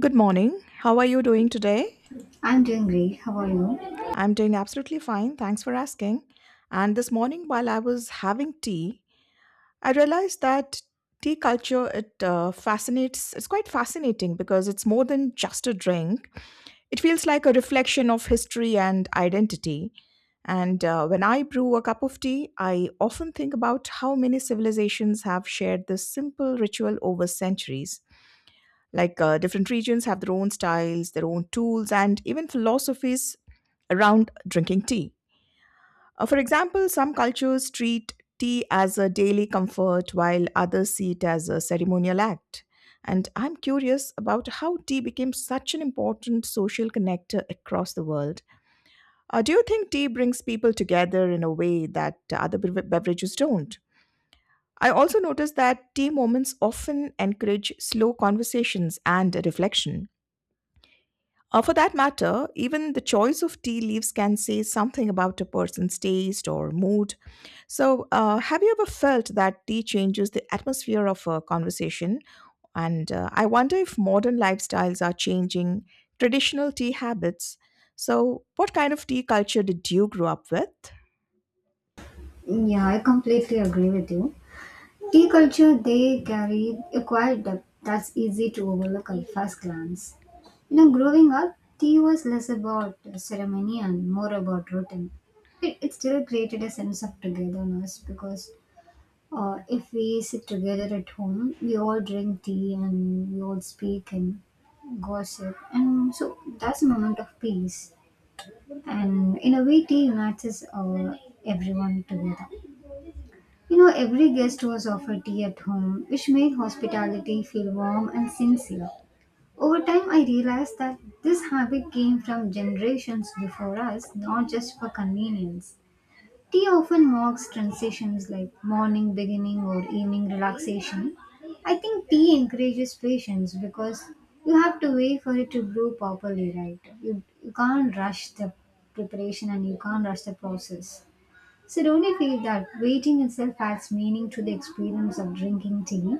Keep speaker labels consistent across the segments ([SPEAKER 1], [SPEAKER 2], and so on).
[SPEAKER 1] Good morning. How are you doing today?
[SPEAKER 2] I'm doing great. How are you?
[SPEAKER 1] I'm doing absolutely fine. Thanks for asking. And this morning, while I was having tea, I realized that tea culture it fascinates. It's quite fascinating because it's more than just a drink. It feels like a reflection of history and identity. And when I brew a cup of tea, I often think about how many civilizations have shared this simple ritual over centuries. Like different regions have their own styles, their own tools, and even philosophies around drinking tea. For example, some cultures treat tea as a daily comfort while others see it as a ceremonial act. And I'm curious about how tea became such an important social connector across the world. Do you think tea brings people together in a way that beverages don't? I also noticed that tea moments often encourage slow conversations and reflection. For that matter, even the choice of tea leaves can say something about a person's taste or mood. So, have you ever felt that tea changes the atmosphere of a conversation? And I wonder if modern lifestyles are changing traditional tea habits. So, what kind of tea culture did you grow up with?
[SPEAKER 2] Yeah, I completely agree with you. Tea culture, they carry a quiet depth that's easy to overlook at first glance. You know, growing up, tea was less about ceremony and more about routine. It still created a sense of togetherness because if we sit together at home, we all drink tea and we all speak and gossip. And so that's a moment of peace. And in a way tea unites us, everyone together. You know, every guest was offered tea at home, which made hospitality feel warm and sincere. Over time, I realized that this habit came from generations before us, not just for convenience. Tea often marks transitions like morning beginning or evening relaxation. I think tea encourages patience because you have to wait for it to brew properly, right? You can't rush the preparation and you can't rush the process. So don't you feel that waiting itself adds meaning to the experience of drinking tea?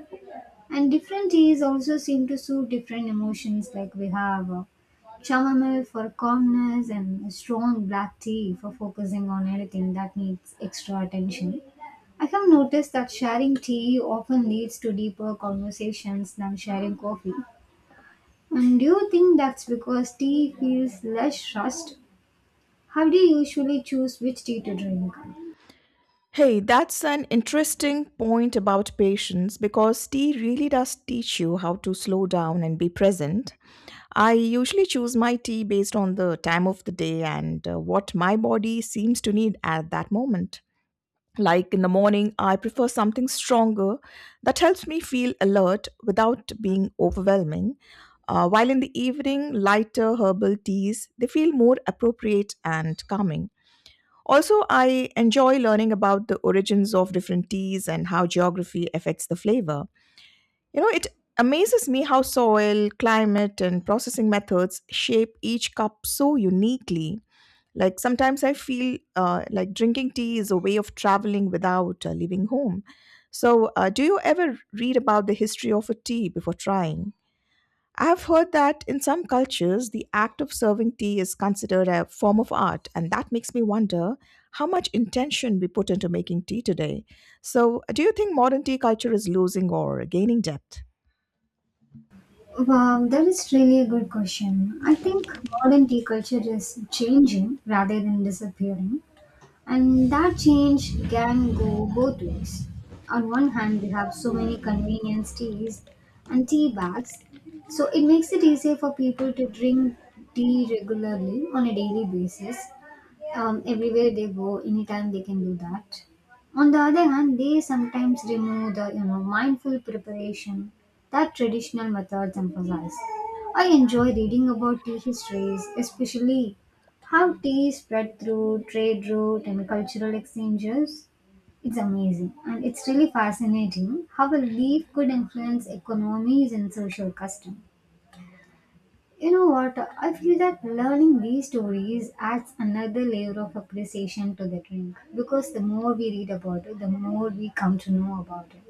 [SPEAKER 2] And different teas also seem to suit different emotions. Like we have, chamomile for calmness and a strong black tea for focusing on anything that needs extra attention. I have noticed that sharing tea often leads to deeper conversations than sharing coffee. And do you think that's because tea feels less rushed? How do you usually choose which tea to drink?
[SPEAKER 1] Hey, that's an interesting point about patience because tea really does teach you how to slow down and be present. I usually choose my tea based on the time of the day and what my body seems to need at that moment. Like in the morning, I prefer something stronger that helps me feel alert without being overwhelming. While in the evening, lighter herbal teas, they feel more appropriate and calming. Also, I enjoy learning about the origins of different teas and how geography affects the flavor. You know, it amazes me how soil, climate, and processing methods shape each cup so uniquely. Like sometimes I feel like drinking tea is a way of traveling without leaving home. So, do you ever read about the history of a tea before trying? I've heard that in some cultures, the act of serving tea is considered a form of art, and that makes me wonder how much intention we put into making tea today. So, do you think modern tea culture is losing or gaining depth?
[SPEAKER 2] Wow, that is really a good question. I think modern tea culture is changing rather than disappearing, and that change can go both ways. On one hand, we have so many convenience teas and tea bags, so it makes it easier for people to drink tea regularly on a daily basis, everywhere they go, anytime they can do that. On the other hand, they sometimes remove the, mindful preparation that traditional methods emphasize. I enjoy reading about tea histories, especially how tea spread through trade route and cultural exchanges. It's amazing and it's really fascinating how a leaf could influence economies and social customs. You know what? I feel that learning these stories adds another layer of appreciation to the drink, because the more we read about it, the more we come to know about it.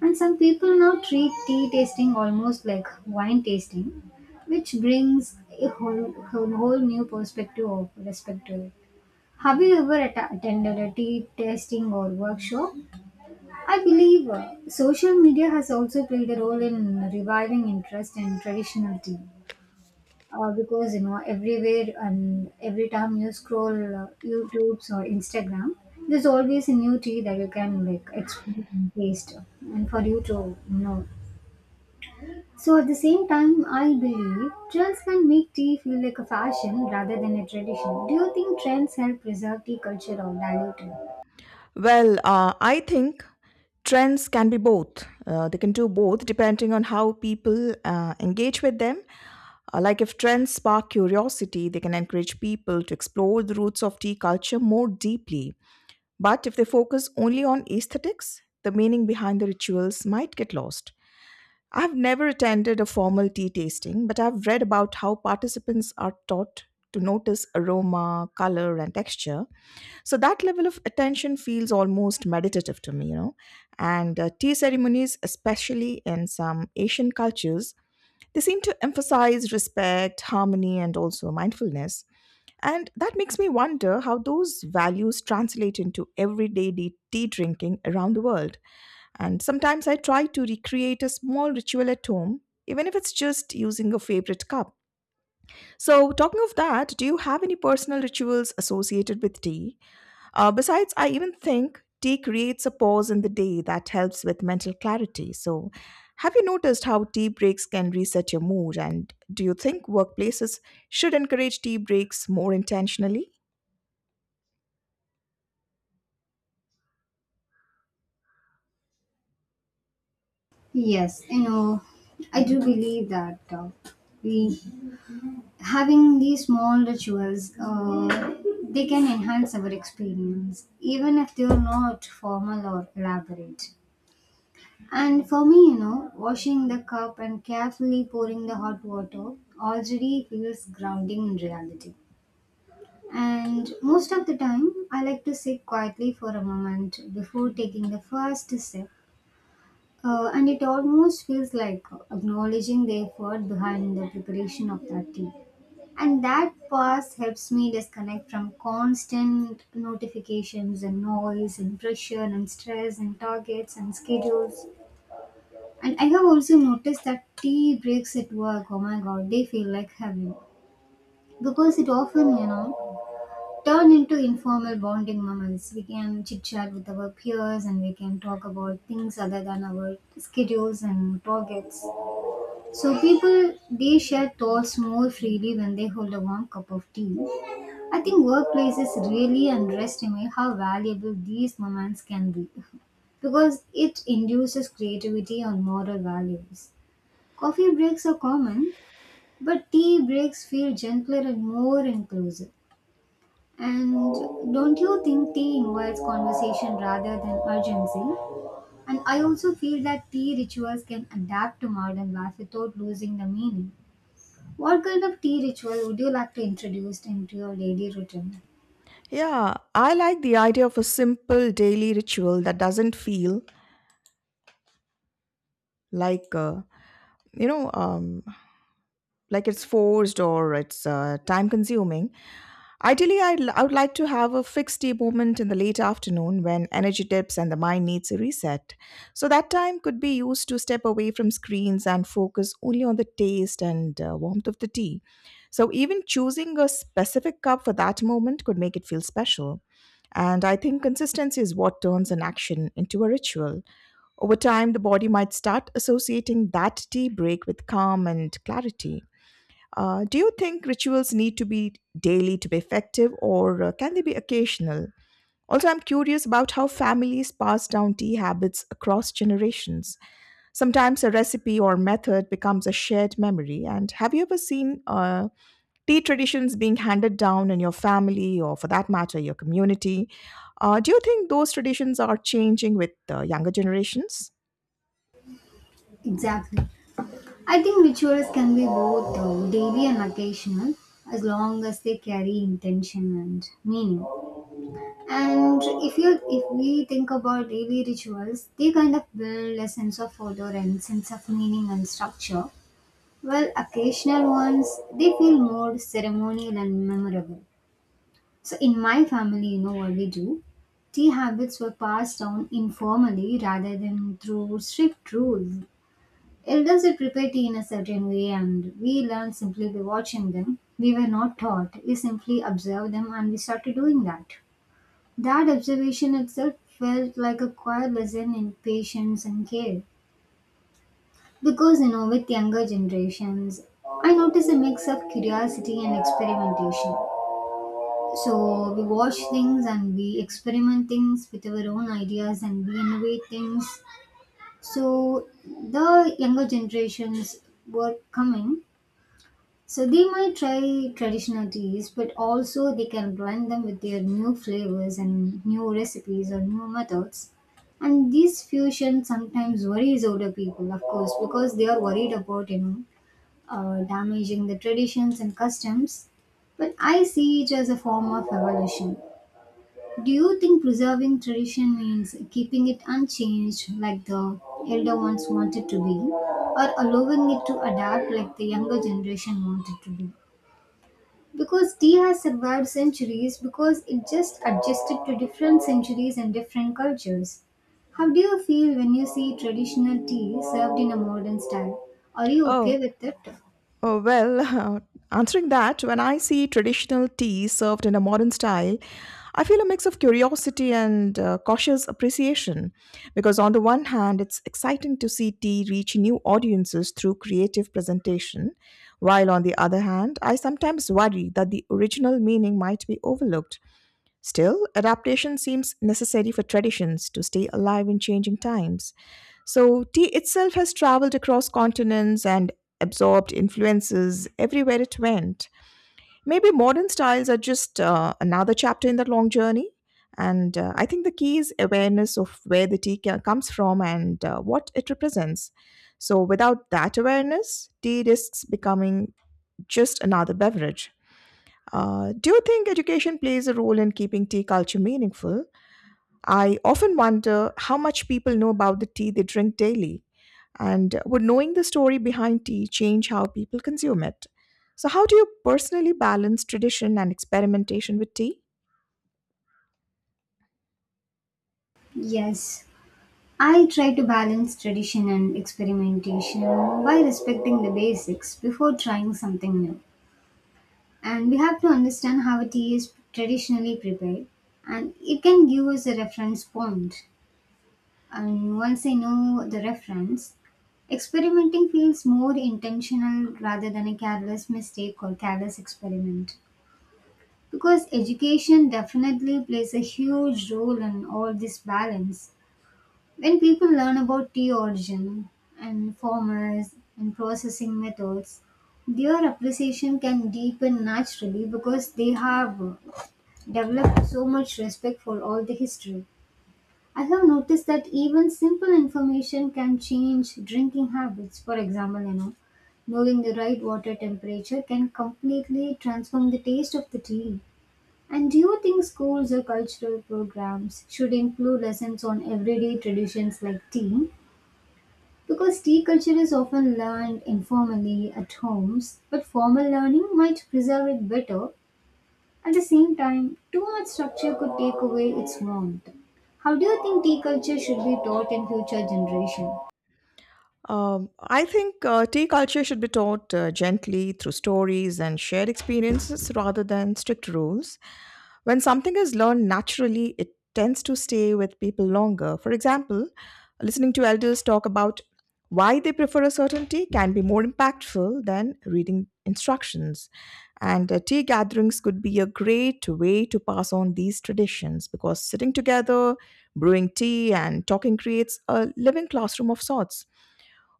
[SPEAKER 2] And some people now treat tea tasting almost like wine tasting, which brings a whole new perspective of respect to it. Have you ever atta attended a tea tasting or workshop? I believe social media has also played a role in reviving interest in traditional tea, because you know everywhere and every time you scroll YouTube's or Instagram, there's always a new tea that you can like explore and taste, and for you to know. So at the same time, I believe trends can make tea feel like a fashion rather than a tradition. Do you think trends help preserve tea culture or dilute it?
[SPEAKER 1] Well, I think trends can be both. They can do both depending on how people engage with them. Like if trends spark curiosity, they can encourage people to explore the roots of tea culture more deeply. But if they focus only on aesthetics, the meaning behind the rituals might get lost. I've never attended a formal tea tasting, but I've read about how participants are taught to notice aroma, color, and texture, so that level of attention feels almost meditative to me, you know. And tea ceremonies, especially in some Asian cultures, they seem to emphasize respect, harmony, and also mindfulness. And that makes me wonder how those values translate into tea drinking around the world. And sometimes I try to recreate a small ritual at home, even if it's just using a favorite cup. So, talking of that, do you have any personal rituals associated with tea? Besides, I even think tea creates a pause in the day that helps with mental clarity. So, have you noticed how tea breaks can reset your mood? And do you think workplaces should encourage tea breaks more intentionally?
[SPEAKER 2] Yes, you know, I do believe that, we having these small rituals, they can enhance our experience even if they're not formal or elaborate. And for me, you know, washing the cup and carefully pouring the hot water already feels grounding in reality. And most of the time I like to sit quietly for a moment before taking the first sip. And it almost feels like acknowledging the effort behind the preparation of that tea. And that pause helps me disconnect from constant notifications and noise and pressure and stress and targets and schedules. And I have also noticed that tea breaks at work, oh my god, they feel like heaven. Because it often, you know, turn into informal bonding moments. We can chit chat with our peers and we can talk about things other than our schedules and targets. So people they share thoughts more freely when they hold a warm cup of tea. I think workplaces really underestimate how valuable these moments can be, because it induces creativity and moral values. Coffee breaks are common, but tea breaks feel gentler and more inclusive. And don't you think tea invites conversation rather than urgency? And I also feel that tea rituals can adapt to modern life without losing the meaning. What kind of tea ritual would you like to introduce into your daily routine?
[SPEAKER 1] Yeah, I like the idea of a simple daily ritual that doesn't feel like, uh, you know, um, like it's forced or it's time consuming. Ideally, I would like to have a fixed tea moment in the late afternoon when energy dips and the mind needs a reset. So that time could be used to step away from screens and focus only on the taste and warmth of the tea. So even choosing a specific cup for that moment could make it feel special. And I think consistency is what turns an action into a ritual. Over time, the body might start associating that tea break with calm and clarity. Do you think rituals need to be daily to be effective, or can they be occasional? Also, I'm curious about how families pass down tea habits across generations. Sometimes a recipe or method becomes a shared memory. And have you ever seen tea traditions being handed down in your family, or for that matter, your community? Do you think those traditions are changing with younger generations?
[SPEAKER 2] Exactly. I think rituals can be both, daily and occasional, as long as they carry intention and meaning. And if we think about daily rituals, they kind of build a sense of order and sense of meaning and structure. While occasional ones, they feel more ceremonial and memorable. So in my family, you know what we do? Tea habits were passed down informally rather than through strict rules. Elders would prepare tea in a certain way, and we learned simply by watching them. We were not taught, we simply observed them and we started doing that. That observation itself felt like a quiet lesson in patience and care. Because, you know, with younger generations, I noticed a mix of curiosity and experimentation. So we watch things and we experiment things with our own ideas and we innovate things. So the younger generations were coming. So they might try traditional teas, but also they can blend them with their new flavors and new recipes or new methods. And this fusion sometimes worries older people, of course, because they are worried about, damaging the traditions and customs. But I see it as a form of evolution. Do you think preserving tradition means keeping it unchanged like the elder ones wanted to be, or allowing it to adapt like the younger generation wanted to be? Because tea has survived centuries, because it just adjusted to different centuries and different cultures. How do you feel when you see traditional tea served in a modern style? Are you okay
[SPEAKER 1] Oh.
[SPEAKER 2] with it?
[SPEAKER 1] Oh, well, answering that, when I see traditional tea served in a modern style, I feel a mix of curiosity and cautious appreciation. Because, on the one hand, it's exciting to see tea reach new audiences through creative presentation, while, on the other hand, I sometimes worry that the original meaning might be overlooked. Still, adaptation seems necessary for traditions to stay alive in changing times. So, tea itself has traveled across continents and absorbed influences everywhere it went. Maybe modern styles are just another chapter in that long journey. And I think the key is awareness of where the tea comes from and what it represents. So, without that awareness, tea risks becoming just another beverage. Do you think education plays a role in keeping tea culture meaningful? I often wonder how much people know about the tea they drink daily, and would knowing the story behind tea change how people consume it? So, how do you personally balance tradition and experimentation with tea?
[SPEAKER 2] Yes. I try to balance tradition and experimentation by respecting the basics before trying something new. And we have to understand how a tea is traditionally prepared, and it can give us a reference point. And once I know the reference, experimenting feels more intentional rather than a careless mistake or careless experiment. Because education definitely plays a huge role in all this balance. When people learn about tea origin and farmers and processing methods, their appreciation can deepen naturally because they have developed so much respect for all the history. I have noticed that even simple information can change drinking habits. For example, you know, knowing the right water temperature can completely transform the taste of the tea. And do you think schools or cultural programs should include lessons on everyday traditions like tea? Because tea culture is often learned informally at homes, but formal learning might preserve it better. At the same time, too much structure could take away its warmth. How do you think tea culture should be taught in future generations?
[SPEAKER 1] I think tea culture should be taught gently through stories and shared experiences rather than strict rules. When something is learned naturally, it tends to stay with people longer. For example, listening to elders talk about why they prefer a certain tea can be more impactful than reading instructions. And tea gatherings could be a great way to pass on these traditions because sitting together, brewing tea, and talking creates a living classroom of sorts.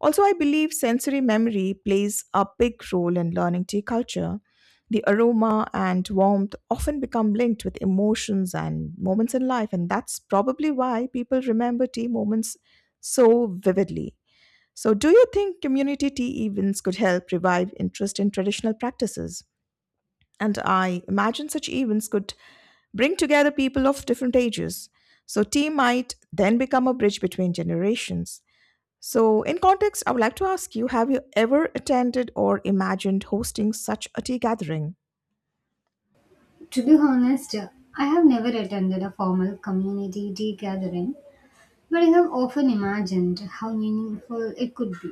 [SPEAKER 1] Also, I believe sensory memory plays a big role in learning tea culture. The aroma and warmth often become linked with emotions and moments in life, and that's probably why people remember tea moments so vividly. So, do you think community tea events could help revive interest in traditional practices? And I imagine such events could bring together people of different ages. So, tea might then become a bridge between generations. So, in context, I would like to ask you, have you ever attended or imagined hosting such a tea gathering?
[SPEAKER 2] To be honest, I have never attended a formal community tea gathering, but I have often imagined how meaningful it could be.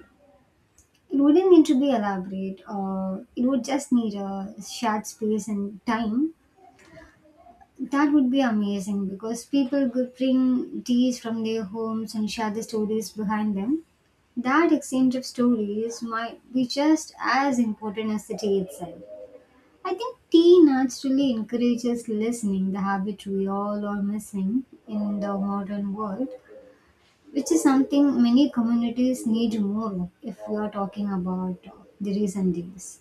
[SPEAKER 2] It wouldn't need to be elaborate, or it would just need a shared space and time. That would be amazing because people could bring teas from their homes and share the stories behind them. That exchange of stories might be just as important as the tea itself. I think tea naturally encourages listening, the habit we all are missing in the modern world, which is something many communities need more if we are talking about, the recent days.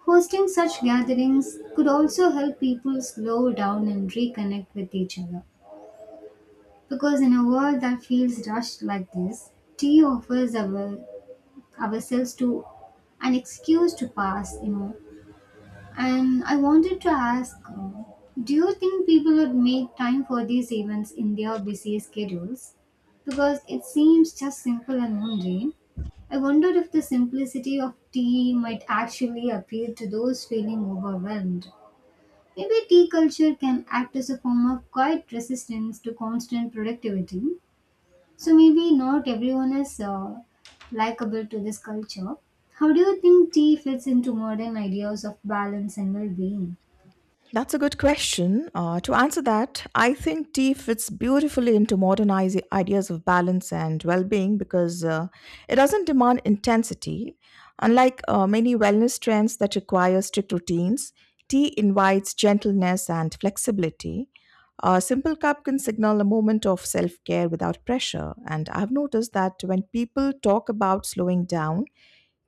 [SPEAKER 2] Hosting such gatherings could also help people slow down and reconnect with each other. Because in a world that feels rushed like this, tea offers our, ourselves to an excuse to pass, you know. And I wanted to ask, do you think people would make time for these events in their busy schedules? Because it seems just simple and mundane. I wonder if the simplicity of tea might actually appeal to those feeling overwhelmed. Maybe tea culture can act as a form of quiet resistance to constant productivity. So maybe not everyone is, likable to this culture. How do you think tea fits into modern ideas of balance and well-being?
[SPEAKER 1] That's a good question. To answer that, I think tea fits beautifully into modern ideas of balance and well being because it doesn't demand intensity. Unlike many wellness trends that require strict routines, tea invites gentleness and flexibility. A simple cup can signal a moment of self care without pressure. And I've noticed that when people talk about slowing down,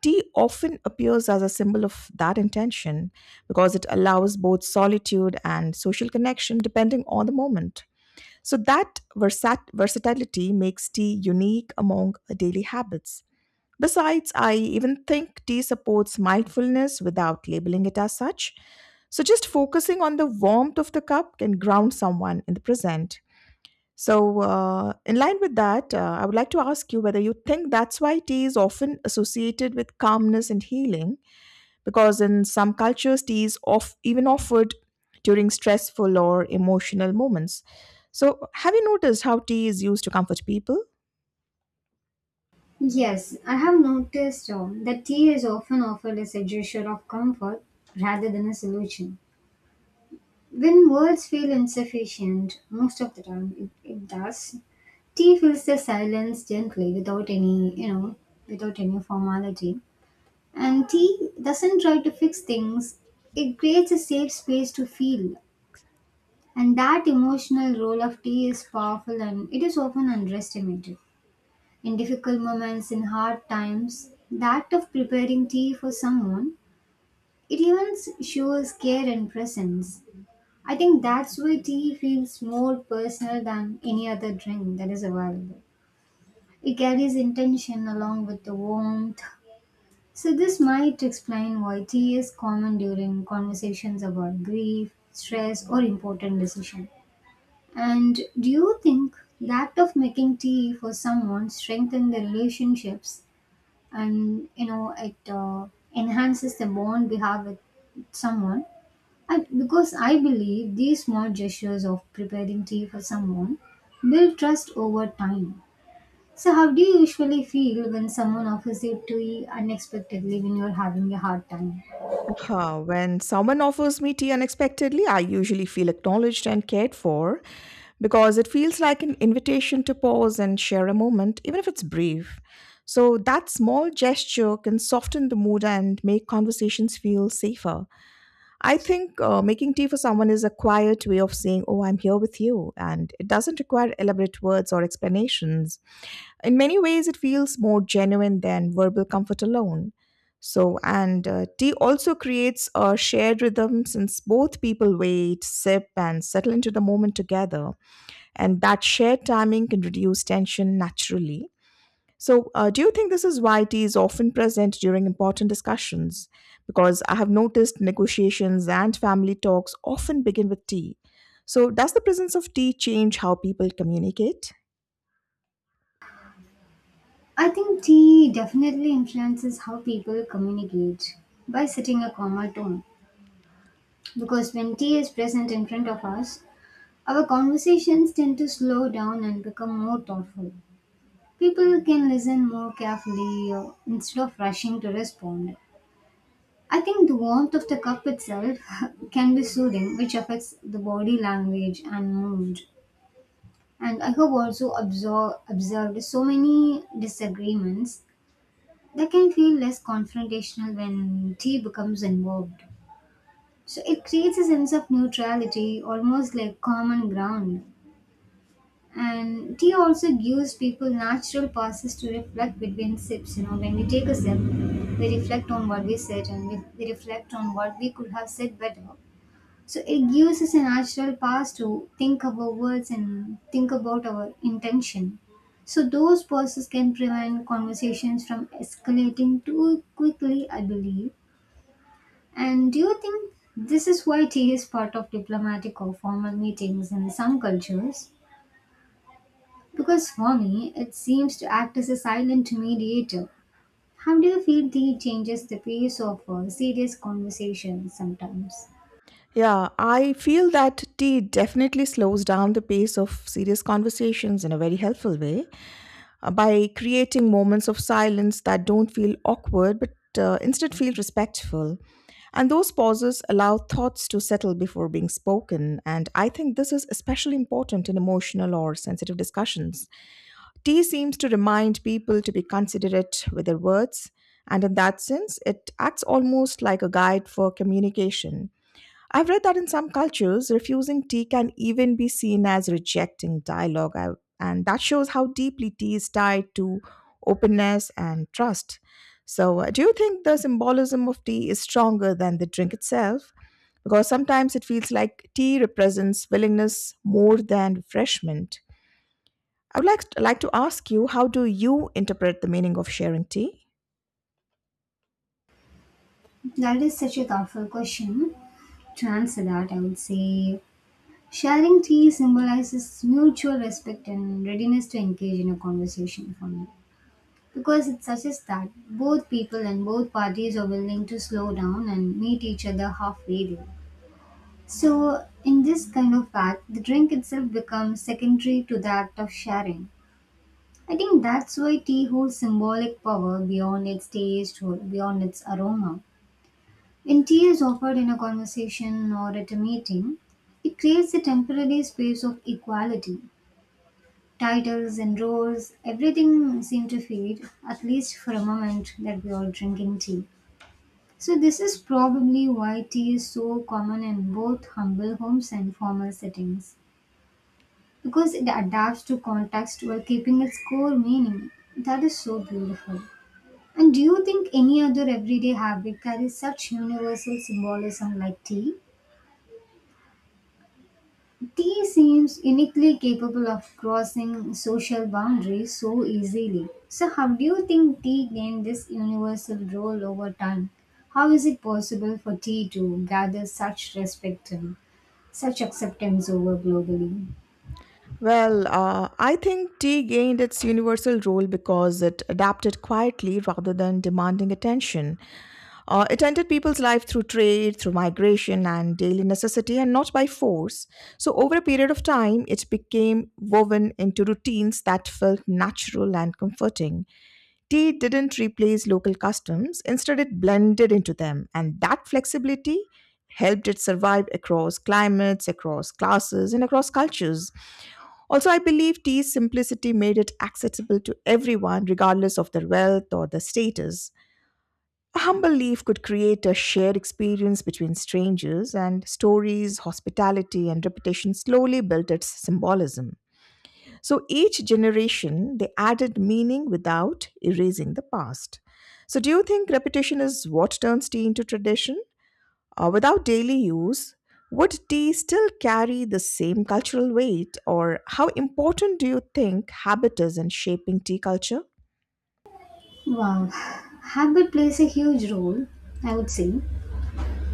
[SPEAKER 1] tea often appears as a symbol of that intention because it allows both solitude and social connection depending on the moment. So, that versatility makes tea unique among daily habits. Besides, I even think tea supports mindfulness without labeling it as such. So, just focusing on the warmth of the cup can ground someone in the present. So, in line with that, I would like to ask you whether you think that's why tea is often associated with calmness and healing, because in some cultures, tea is off, even offered during stressful or emotional moments. So, have you noticed how tea is used to comfort people?
[SPEAKER 2] Yes, I have noticed that tea is often offered as a gesture of comfort rather than a solution. When words feel insufficient, most of the time it does. Tea fills the silence gently without any, you know, without any formality. And tea doesn't try to fix things, it creates a safe space to feel. And that emotional role of tea is powerful and it is often underestimated. In difficult moments, in hard times, the act of preparing tea for someone, it even shows care and presence. I think that's why tea feels more personal than any other drink that is available. It carries intention along with the warmth. So this might explain why tea is common during conversations about grief, stress, or important decisions. And do you think the act of making tea for someone strengthens the relationships and it enhances the bond we have with someone? Because I believe these small gestures of preparing tea for someone build trust over time. So, how do you usually feel when someone offers you tea unexpectedly when you're having a hard time?
[SPEAKER 1] Huh, when someone offers me tea unexpectedly, I usually feel acknowledged and cared for because it feels like an invitation to pause and share a moment, even if it's brief. So, that small gesture can soften the mood and make conversations feel safer. I think making tea for someone is a quiet way of saying, "Oh, I'm here with you." And it doesn't require elaborate words or explanations. In many ways it feels more genuine than verbal comfort alone. So and uh, tea also creates a shared rhythm since both people wait, sip, and settle into the moment together, and that shared timing can reduce tension naturally. So, do you think this is why tea is often present during important discussions, because I have noticed negotiations and family talks often begin with tea? So, does the presence of tea change how people communicate?
[SPEAKER 2] I think tea definitely influences how people communicate by setting a calmer tone. Because when tea is present in front of us, our conversations tend to slow down and become more thoughtful. People can listen more carefully instead of rushing to respond. I think the warmth of the cup itself can be soothing, which affects the body language and mood. And I have also observed so many disagreements that can feel less confrontational when tea becomes involved. So it creates a sense of neutrality, almost like common ground. And tea also gives people natural pauses to reflect between sips. You know, when we take a sip, we reflect on what we said and we reflect on what we could have said better. So it gives us a natural pause to think about words and think about our intention. So those pauses can prevent conversations from escalating too quickly, I believe. And do you think this is why tea is part of diplomatic or formal meetings in some cultures? Because for me, it seems to act as a silent mediator. How do you feel the changes the pace of serious conversations sometimes?
[SPEAKER 1] Yeah, I feel that tea definitely slows down the pace of serious conversations in a very helpful way, by creating moments of silence that don't feel awkward but instead feel respectful. And those pauses allow thoughts to settle before being spoken. And I think this is especially important in emotional or sensitive discussions. Tea seems to remind people to be considerate with their words. And in that sense, it acts almost like a guide for communication. I've read that in some cultures, refusing tea can even be seen as rejecting dialogue, and that shows how deeply tea is tied to openness and trust. So, do you think the symbolism of tea is stronger than the drink itself? Because sometimes it feels like tea represents willingness more than refreshment. I would like to ask you, how do you interpret the meaning of sharing tea?
[SPEAKER 2] That is such a thoughtful question. To answer that, I would say sharing tea symbolizes mutual respect and readiness to engage in a conversation for me. Because it suggests that both people and both parties are willing to slow down and meet each other halfway there. So, in this kind of act, the drink itself becomes secondary to the act of sharing. I think that's why tea holds symbolic power beyond its taste or beyond its aroma. When tea is offered in a conversation or at a meeting, it creates a temporary space of equality. Titles and roles, everything seem to fade, at least for a moment that we are drinking tea. So, this is probably why tea is so common in both humble homes and formal settings, because it adapts to context while keeping its core meaning. That is so beautiful. And do you think any other everyday habit carries such universal symbolism like tea? Tea seems uniquely capable of crossing social boundaries so easily. So, how do you think tea gained this universal role over time? How is it possible for tea to gather such respect and such acceptance over globally?
[SPEAKER 1] Well, I think tea gained its universal role because it adapted quietly rather than demanding attention. It entered people's life through trade, through migration, and daily necessity, and not by force. So, over a period of time, it became woven into routines that felt natural and comforting. Tea didn't replace local customs, instead, it blended into them, and that flexibility helped it survive across climates, across classes, and across cultures. Also, I believe tea's simplicity made it accessible to everyone, regardless of their wealth or their status. A humble leaf could create a shared experience between strangers, and stories, hospitality, and reputation slowly built its symbolism. So each generation, they added meaning without erasing the past. So, do you think repetition is what turns tea into tradition? Or without daily use, would tea still carry the same cultural weight? Or how important do you think habit is in shaping tea culture?
[SPEAKER 2] Wow, habit plays a huge role, I would say,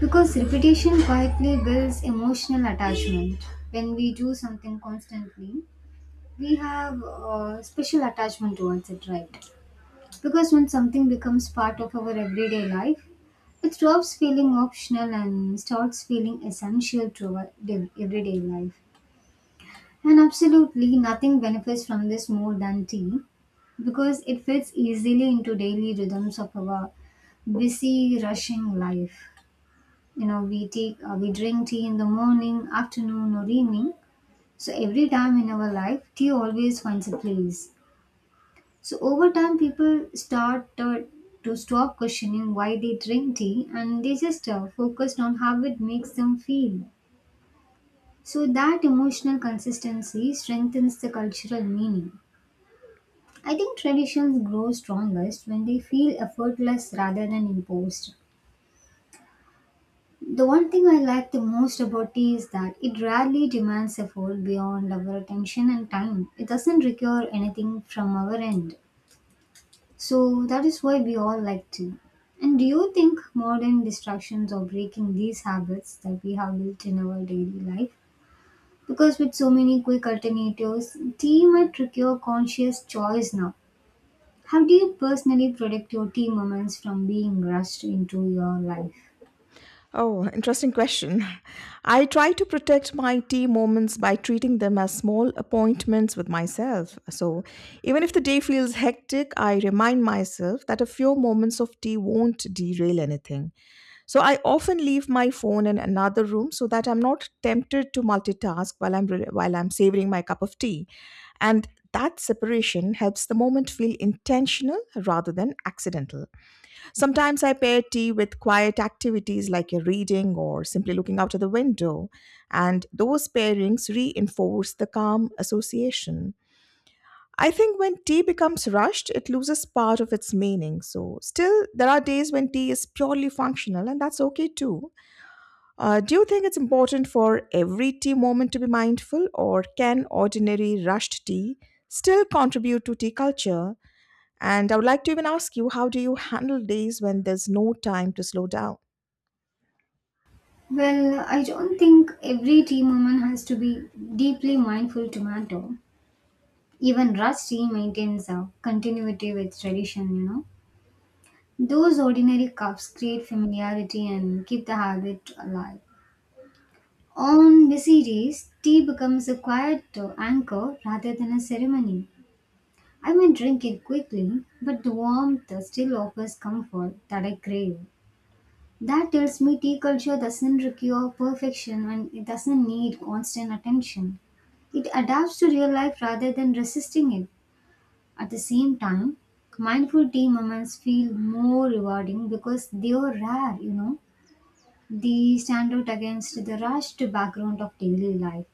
[SPEAKER 2] because repetition quietly builds emotional attachment. When we do something constantly, we have a special attachment towards it, right? Because when something becomes part of our everyday life, it stops feeling optional and starts feeling essential to our everyday life. And absolutely nothing benefits from this more than tea because it fits easily into daily rhythms of our busy, rushing life. You know, we drink tea in the morning, afternoon, or evening. So every time in our life, tea always finds a place. So over time, people start to stop questioning why they drink tea, and they just focused on how it makes them feel. So that emotional consistency strengthens the cultural meaning. I think traditions grow strongest when they feel effortless rather than imposed. The one thing I like the most about tea is that it rarely demands effort beyond our attention and time. It doesn't require anything from our end. So that is why we all like tea. And do you think modern distractions are breaking these habits that we have built in our daily life? Because with so many quick alternatives, tea might require conscious choice now. How do you personally protect your tea moments from being rushed into your life?
[SPEAKER 1] Oh, interesting question. I try to protect my tea moments by treating them as small appointments with myself. So, even if the day feels hectic, I remind myself that a few moments of tea won't derail anything. So, I often leave my phone in another room so that I'm not tempted to multitask while I'm savoring my cup of tea. And that separation helps the moment feel intentional rather than accidental. Sometimes I pair tea with quiet activities like a reading or simply looking out of the window, and those pairings reinforce the calm association. I think when tea becomes rushed, it loses part of its meaning. So, still, there are days when tea is purely functional, and that's okay too. Do you think it's important for every tea moment to be mindful, or can ordinary rushed tea still contribute to tea culture? And I would like to even ask you, how do you handle days when there's no time to slow down?
[SPEAKER 2] Well, I don't think every tea moment has to be deeply mindful to matter. Even rushed tea maintains a continuity with tradition, you know. Those ordinary cups create familiarity and keep the habit alive. On busy days, tea becomes a quiet anchor rather than a ceremony. I may drink it quickly, but the warmth still offers comfort that I crave. That tells me tea culture doesn't require perfection and it doesn't need constant attention. It adapts to real life rather than resisting it. At the same time, mindful tea moments feel more rewarding because they are rare, you know. They stand out against the rushed background of daily life.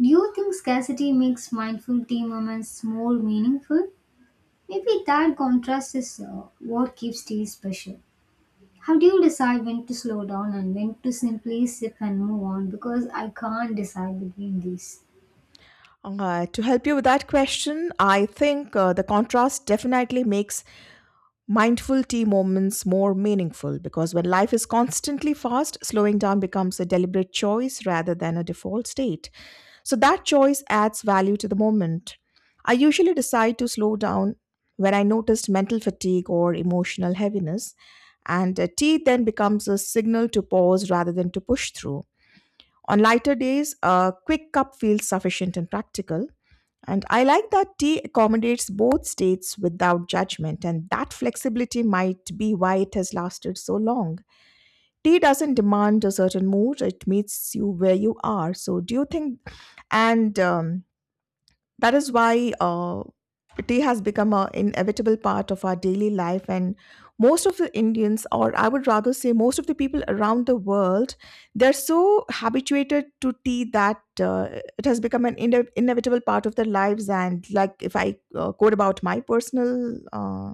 [SPEAKER 2] Do you think scarcity makes mindful tea moments more meaningful? Maybe that contrast is what keeps tea special. How do you decide when to slow down and when to simply sip and move on? Because I can't decide between these.
[SPEAKER 1] To help you with that question, I think the contrast definitely makes mindful tea moments more meaningful because when life is constantly fast, slowing down becomes a deliberate choice rather than a default state. So that choice adds value to the moment. I usually decide to slow down when I noticed mental fatigue or emotional heaviness, and tea then becomes a signal to pause rather than to push through. On lighter days, a quick cup feels sufficient and practical. And I like that tea accommodates both states without judgment, and that flexibility might be why it has lasted so long. Tea doesn't demand a certain mood, it meets you where you are. So, do you think, and that is why Tea has become an inevitable part of our daily life, and most of the Indians, or I would rather say most of the people around the world, they're so habituated to tea that it has become an inevitable part of their lives. And like if I quote about my personal uh,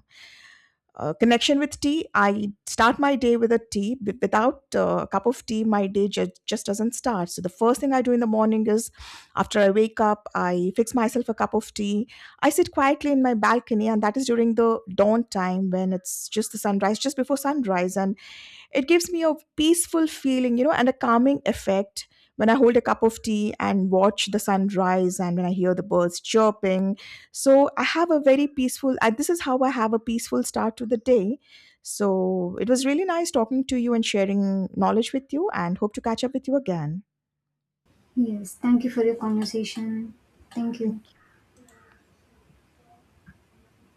[SPEAKER 1] uh, connection with tea, I start my day with a without a cup of tea my day just doesn't start. So the first thing I do in the morning is after I wake up, I fix myself a cup of tea. I sit quietly in my balcony, and that is during the dawn time when it's just the sunrise, just before sunrise, and it gives me a peaceful feeling, you know, and a calming effect when I hold a cup of tea and watch the sunrise and when I hear the birds chirping. So I have a very peaceful, and this is how I have a peaceful start to the day. So it was really nice talking to you and sharing knowledge with you, and hope to catch up with you again.
[SPEAKER 2] Yes, thank you for your conversation. Thank you.